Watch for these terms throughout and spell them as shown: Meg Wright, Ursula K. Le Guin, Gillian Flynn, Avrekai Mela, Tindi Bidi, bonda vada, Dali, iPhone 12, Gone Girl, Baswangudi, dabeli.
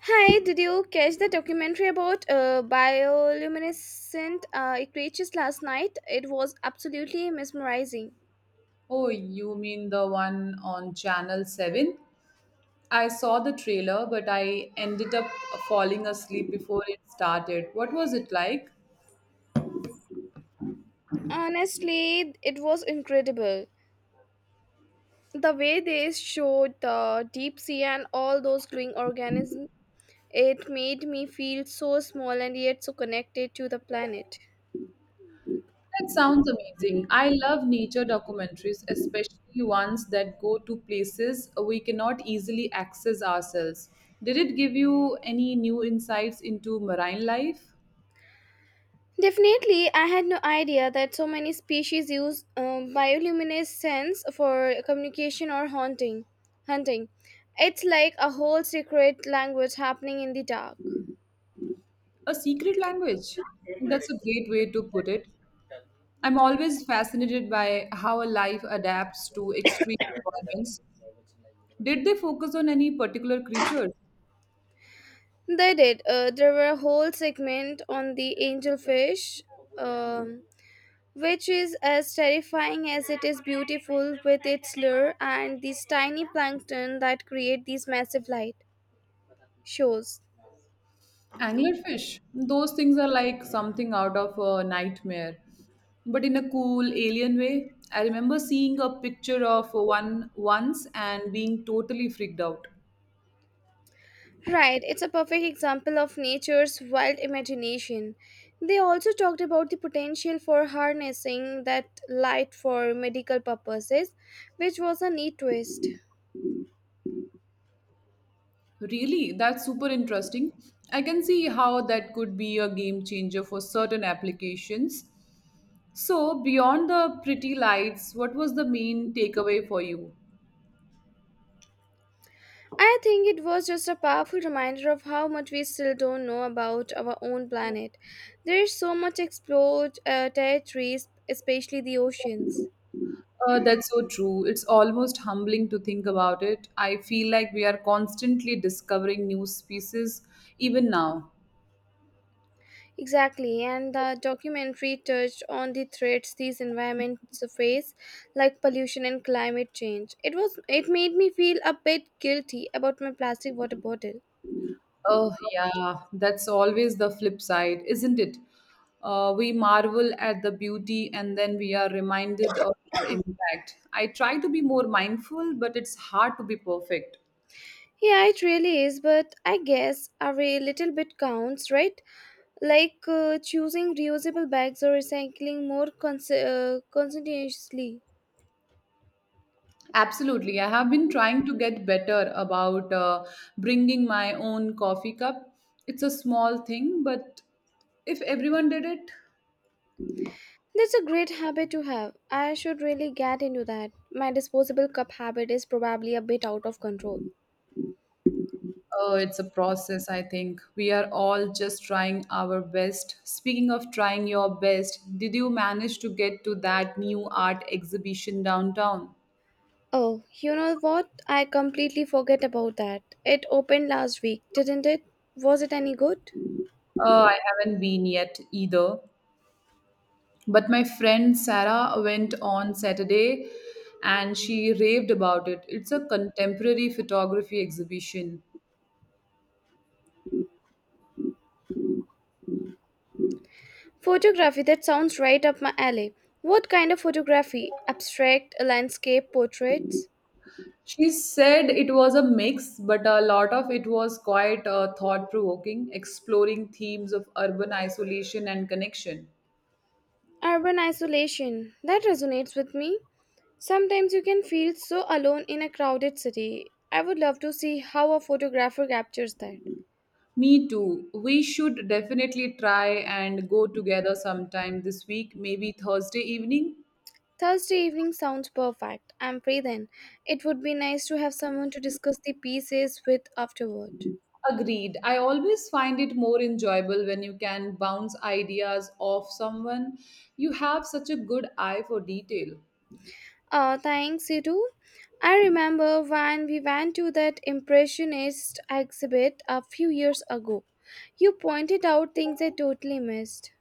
Hi, did you catch the documentary about bioluminescent creatures last night? It was absolutely mesmerizing. Oh, you mean the one on Channel 7? I saw the trailer, but I ended up falling asleep before it started. What was it like? Honestly, it was incredible. The way they showed the deep sea and all those glowing organisms, it made me feel so small and yet so connected to the planet. That sounds amazing. I love nature documentaries, especially ones that go to places we cannot easily access ourselves. Did it give you any new insights into marine life? Definitely, I had no idea that so many species use bioluminescence for communication or hunting. Hunting, it's like a whole secret language happening in the dark. A secret language. That's a great way to put it. I'm always fascinated by how a life adapts to extreme environments. Did they focus on any particular creature? They did. There were a whole segment on the angelfish, um, which is as terrifying as it is beautiful with its lure and these tiny plankton that create these massive light shows. Anglerfish. Those things are like something out of a nightmare, but in a cool alien way. I remember seeing a picture of one once and being totally freaked out. Right, it's a perfect example of nature's wild imagination. They also talked about the potential for harnessing that light for medical purposes, which was a neat twist. Really, that's super interesting. I can see how that could be a game changer for certain applications. So, beyond the pretty lights, what was the main takeaway for you? I think it was just a powerful reminder of how much we still don't know about our own planet. There is so much explored territories, especially the oceans. That's so true. It's almost humbling to think about it. I feel like we are constantly discovering new species, even now. Exactly, and the documentary touched on the threats these environments face, like pollution and climate change. It made me feel a bit guilty about my plastic water bottle. Oh, yeah, that's always the flip side, isn't it? We marvel at the beauty and then we are reminded of our impact. I try to be more mindful, but it's hard to be perfect. Yeah, it really is, but I guess every little bit counts, right? Like choosing reusable bags or recycling more conscientiously. Absolutely. I have been trying to get better about bringing my own coffee cup. It's a small thing, but if everyone did it, That's a great habit to have. I should really get into that. My disposable cup habit is probably a bit out of control. uh, it's a process, I think. We are all just trying our best. Speaking of trying your best, did you manage to get to that new art exhibition downtown? Oh, you know what? I completely forget about that. It opened last week, didn't it? Was it any good? Oh, I haven't been yet either. But my friend Sarah went on Saturday and she raved about it. It's a contemporary photography exhibition. Photography, that sounds right up my alley. What kind of photography? Abstract, landscape, portraits? She said it was a mix, but a lot of it was quite thought provoking, exploring themes of urban isolation and connection. Urban isolation. That resonates with me. Sometimes you can feel so alone in a crowded city. I would love to see how a photographer captures that. Me too. We should definitely try and go together sometime this week, maybe Thursday evening. Thursday evening sounds perfect. I'm free then. It would be nice to have someone to discuss the pieces with afterward. Agreed. I always find it more enjoyable when you can bounce ideas off someone. You have such a good eye for detail. Thanks, you too. I remember when we went to that Impressionist exhibit a few years ago. You pointed out things I totally missed.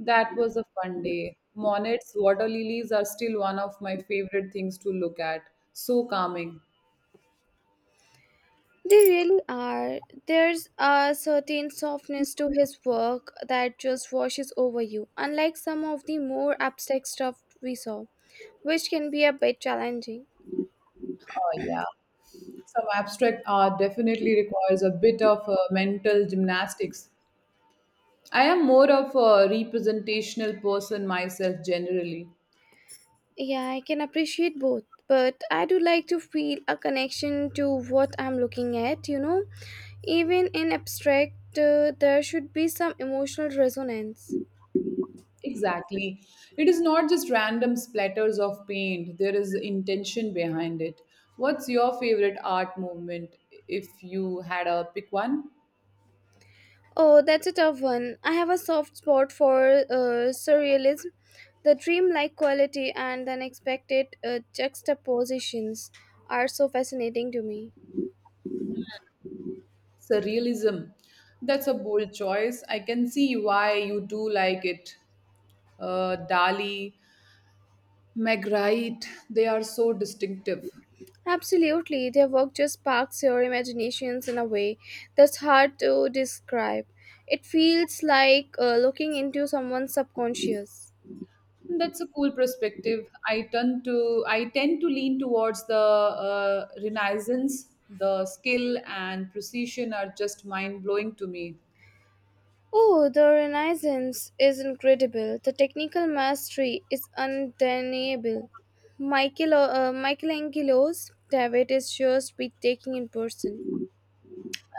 That was a fun day. Monets, water lilies are still one of my favorite things to look at. So calming. They really are. There's a certain softness to his work that just washes over you, unlike some of the more abstract stuff we saw, which can be a bit challenging. Oh, yeah. Some abstract art definitely requires a bit of mental gymnastics. I am more of a representational person myself generally. Yeah, I can appreciate both, but I do like to feel a connection to what I'm looking at, you know? Even in abstract, there should be some emotional resonance. Exactly. It is not just random splatters of paint, there is intention behind it. What's your favorite art movement if you had a pick one? Oh, that's a tough one. I have a soft spot for surrealism, the dreamlike quality and the unexpected juxtapositions are so fascinating to me. Surrealism. That's a bold choice. I can see why you do like it. Dali, Meg Wright, they are so distinctive. Absolutely, their work just sparks your imaginations in a way that's hard to describe. It feels like looking into someone's subconscious. That's a cool perspective. I tend to lean towards the Renaissance. The skill and precision are just mind blowing to me. Oh, the Renaissance is incredible. The technical mastery is undeniable. Michelangelo's David is just breathtaking in person.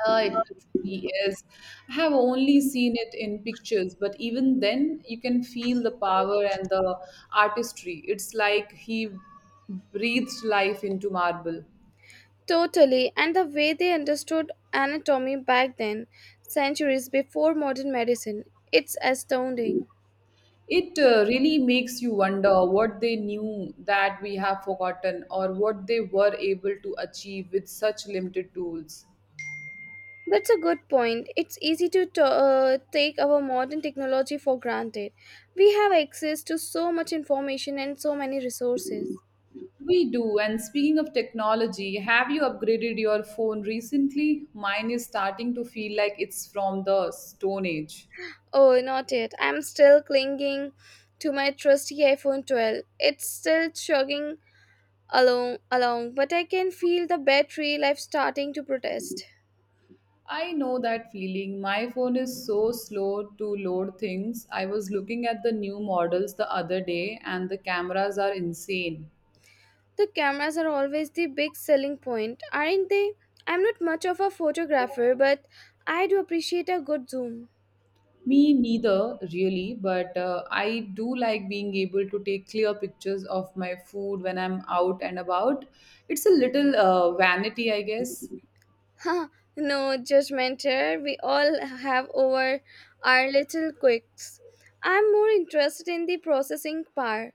It really is. I have only seen it in pictures, but even then, you can feel the power and the artistry. It's like he breathed life into marble. Totally, and the way they understood anatomy back then, centuries before modern medicine, it's astounding. It really makes you wonder what they knew that we have forgotten or what they were able to achieve with such limited tools. That's a good point. It's easy to take our modern technology for granted. We have access to so much information and so many resources. We do. And speaking of technology, have you upgraded your phone recently? Mine is starting to feel like it's from the Stone Age. Oh, not yet. I'm still clinging to my trusty iPhone 12. It's still chugging along, but I can feel the battery life starting to protest. I know that feeling. My phone is so slow to load things. I was looking at the new models the other day, and the cameras are insane. The cameras are always the big selling point, aren't they? I'm not much of a photographer, but I do appreciate a good zoom. Me neither, really, but I do like being able to take clear pictures of my food when I'm out and about. It's a little vanity, I guess. Huh, no judgment here. We all have over our little quirks. I'm more interested in the processing part.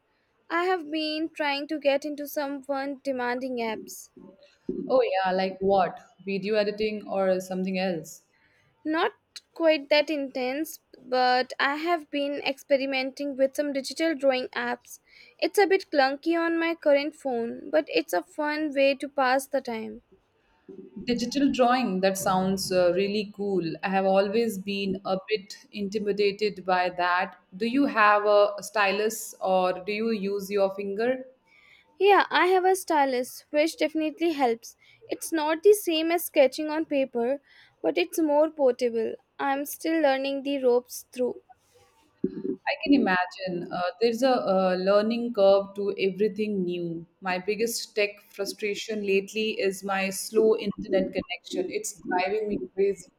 I have been trying to get into some fun demanding apps. Oh, yeah, like what? Video editing or something else? Not quite that intense, but I have been experimenting with some digital drawing apps. It's a bit clunky on my current phone, but it's a fun way to pass the time. Digital drawing, that sounds really cool. I have always been a bit intimidated by that. Do you have a stylus or do you use your finger? Yeah, I have a stylus, which definitely helps. It's not the same as sketching on paper, but it's more portable. I'm still learning the ropes through. I can imagine. There's a learning curve to everything new. My biggest tech frustration lately is my slow internet connection. It's driving me crazy.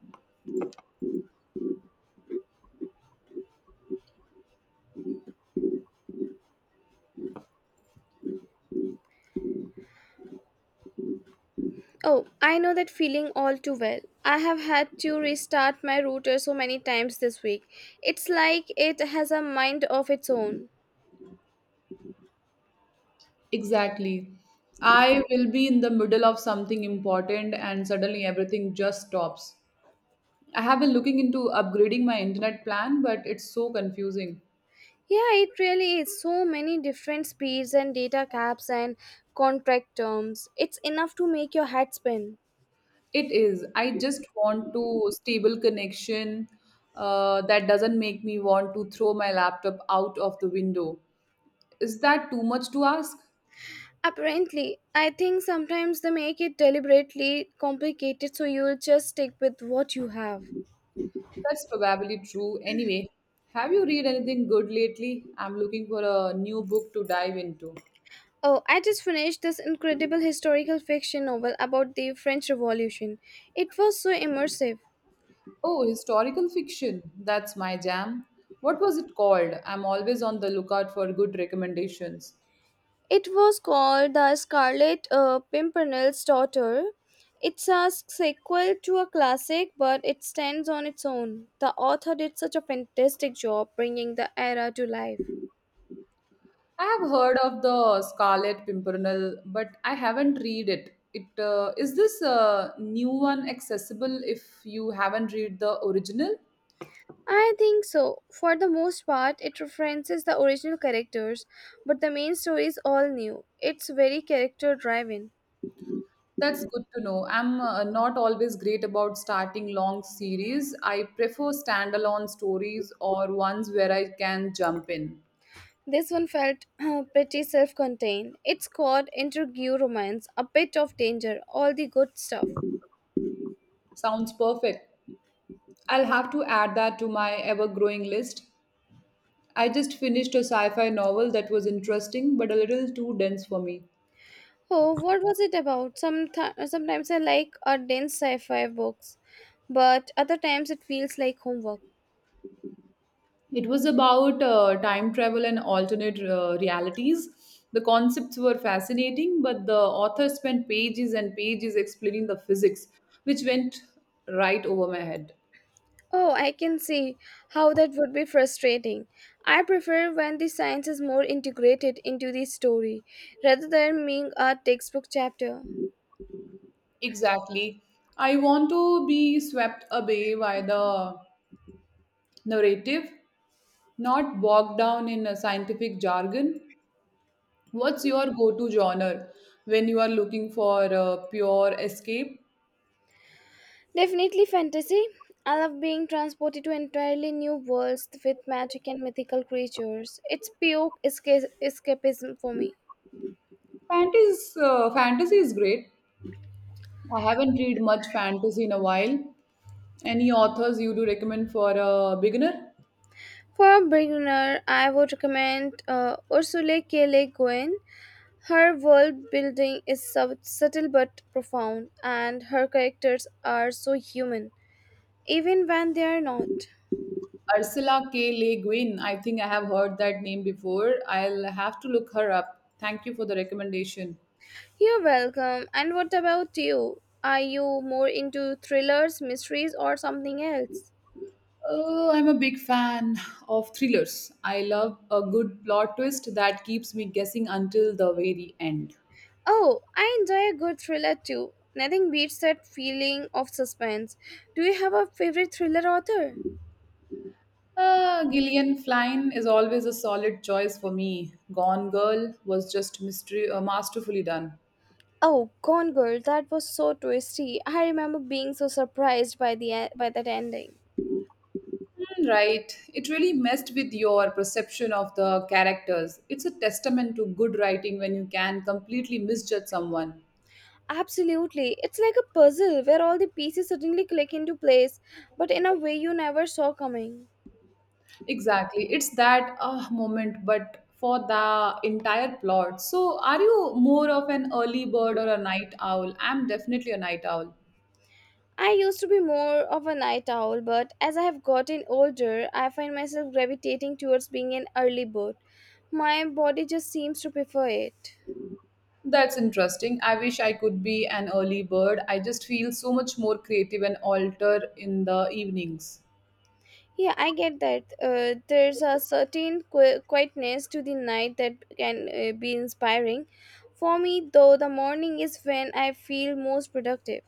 Oh, I know that feeling all too well. I have had to restart my router so many times this week. It's like it has a mind of its own. Exactly. I will be in the middle of something important and suddenly everything just stops. I have been looking into upgrading my internet plan, but it's so confusing. Yeah, it really is. So many different speeds and data caps and contract terms. It's enough to make your head spin. It is. I just want to stable connection that doesn't make me want to throw my laptop out of the window. Is that too much to ask? Apparently, I think sometimes they make it deliberately complicated so you'll just stick with what you have. That's probably true. Anyway, have you read anything good lately? I'm looking for a new book to dive into. Oh, I just finished this incredible historical fiction novel about the French Revolution. It was so immersive. Oh, historical fiction. That's my jam. What was it called? I'm always on the lookout for good recommendations. It was called The Scarlet Pimpernel's Daughter. It's a sequel to a classic, but it stands on its own. The author did such a fantastic job bringing the era to life. I have heard of the Scarlet Pimpernel, but I haven't read it. It is this new one accessible if you haven't read the original? I think so. For the most part, it references the original characters, but the main story is all new. It's very character driven. That's good to know. I'm not always great about starting long series. I prefer standalone stories or ones where I can jump in. This one felt pretty self contained. It's called got intrigue, romance, a bit of danger, all the good stuff. Sounds perfect. I'll have to add that to my ever growing list. I just finished a sci fi novel that was interesting but a little too dense for me. Oh, what was it about? Sometimes I like our dense sci fi books, but other times it feels like homework. It was about time travel and alternate realities. The concepts were fascinating, but the author spent pages and pages explaining the physics, which went right over my head. Oh, I can see how that would be frustrating. I prefer when the science is more integrated into the story rather than being a textbook chapter. Exactly. I want to be swept away by the narrative, not bogged down in a scientific jargon. What's your go to genre when you are looking for a pure escape? Definitely fantasy. I love being transported to entirely new worlds with magic and mythical creatures. It's pure escapism for me. Fantasy, is great. I haven't read much fantasy in a while. Any authors you do recommend for a beginner? For a beginner, I would recommend Ursula K. Le Guin. Her world building is subtle but profound, and her characters are so human, even when they are not. Ursula K. Le Guin. I think I have heard that name before. I'll have to look her up. Thank you for the recommendation. You're welcome. And what about you? Are you more into thrillers, mysteries, or something else? I'm a big fan of thrillers. I love a good plot twist that keeps me guessing until the very end. Oh, I enjoy a good thriller too. Nothing beats that feeling of suspense. Do you have a favorite thriller author? Gillian Flynn is always a solid choice for me. Gone Girl was just masterfully done. Oh, Gone Girl, that was so twisty. I remember being so surprised by by that ending. Hmm, right. It really messed with your perception of the characters. It's a testament to good writing when you can completely misjudge someone. Absolutely. It's like a puzzle where all the pieces suddenly click into place, but in a way you never saw coming. Exactly. It's that moment, but for the entire plot. So, are you more of an early bird or a night owl? I'm definitely a night owl. I used to be more of a night owl, but as I have gotten older, I find myself gravitating towards being an early bird. My body just seems to prefer it. That's interesting. I wish I could be an early bird. I just feel so much more creative and alter in the evenings. Yeah, I get that. There's a certain quietness to the night that can be inspiring. For me, though, the morning is when I feel most productive.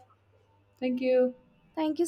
Thank you. Thank you so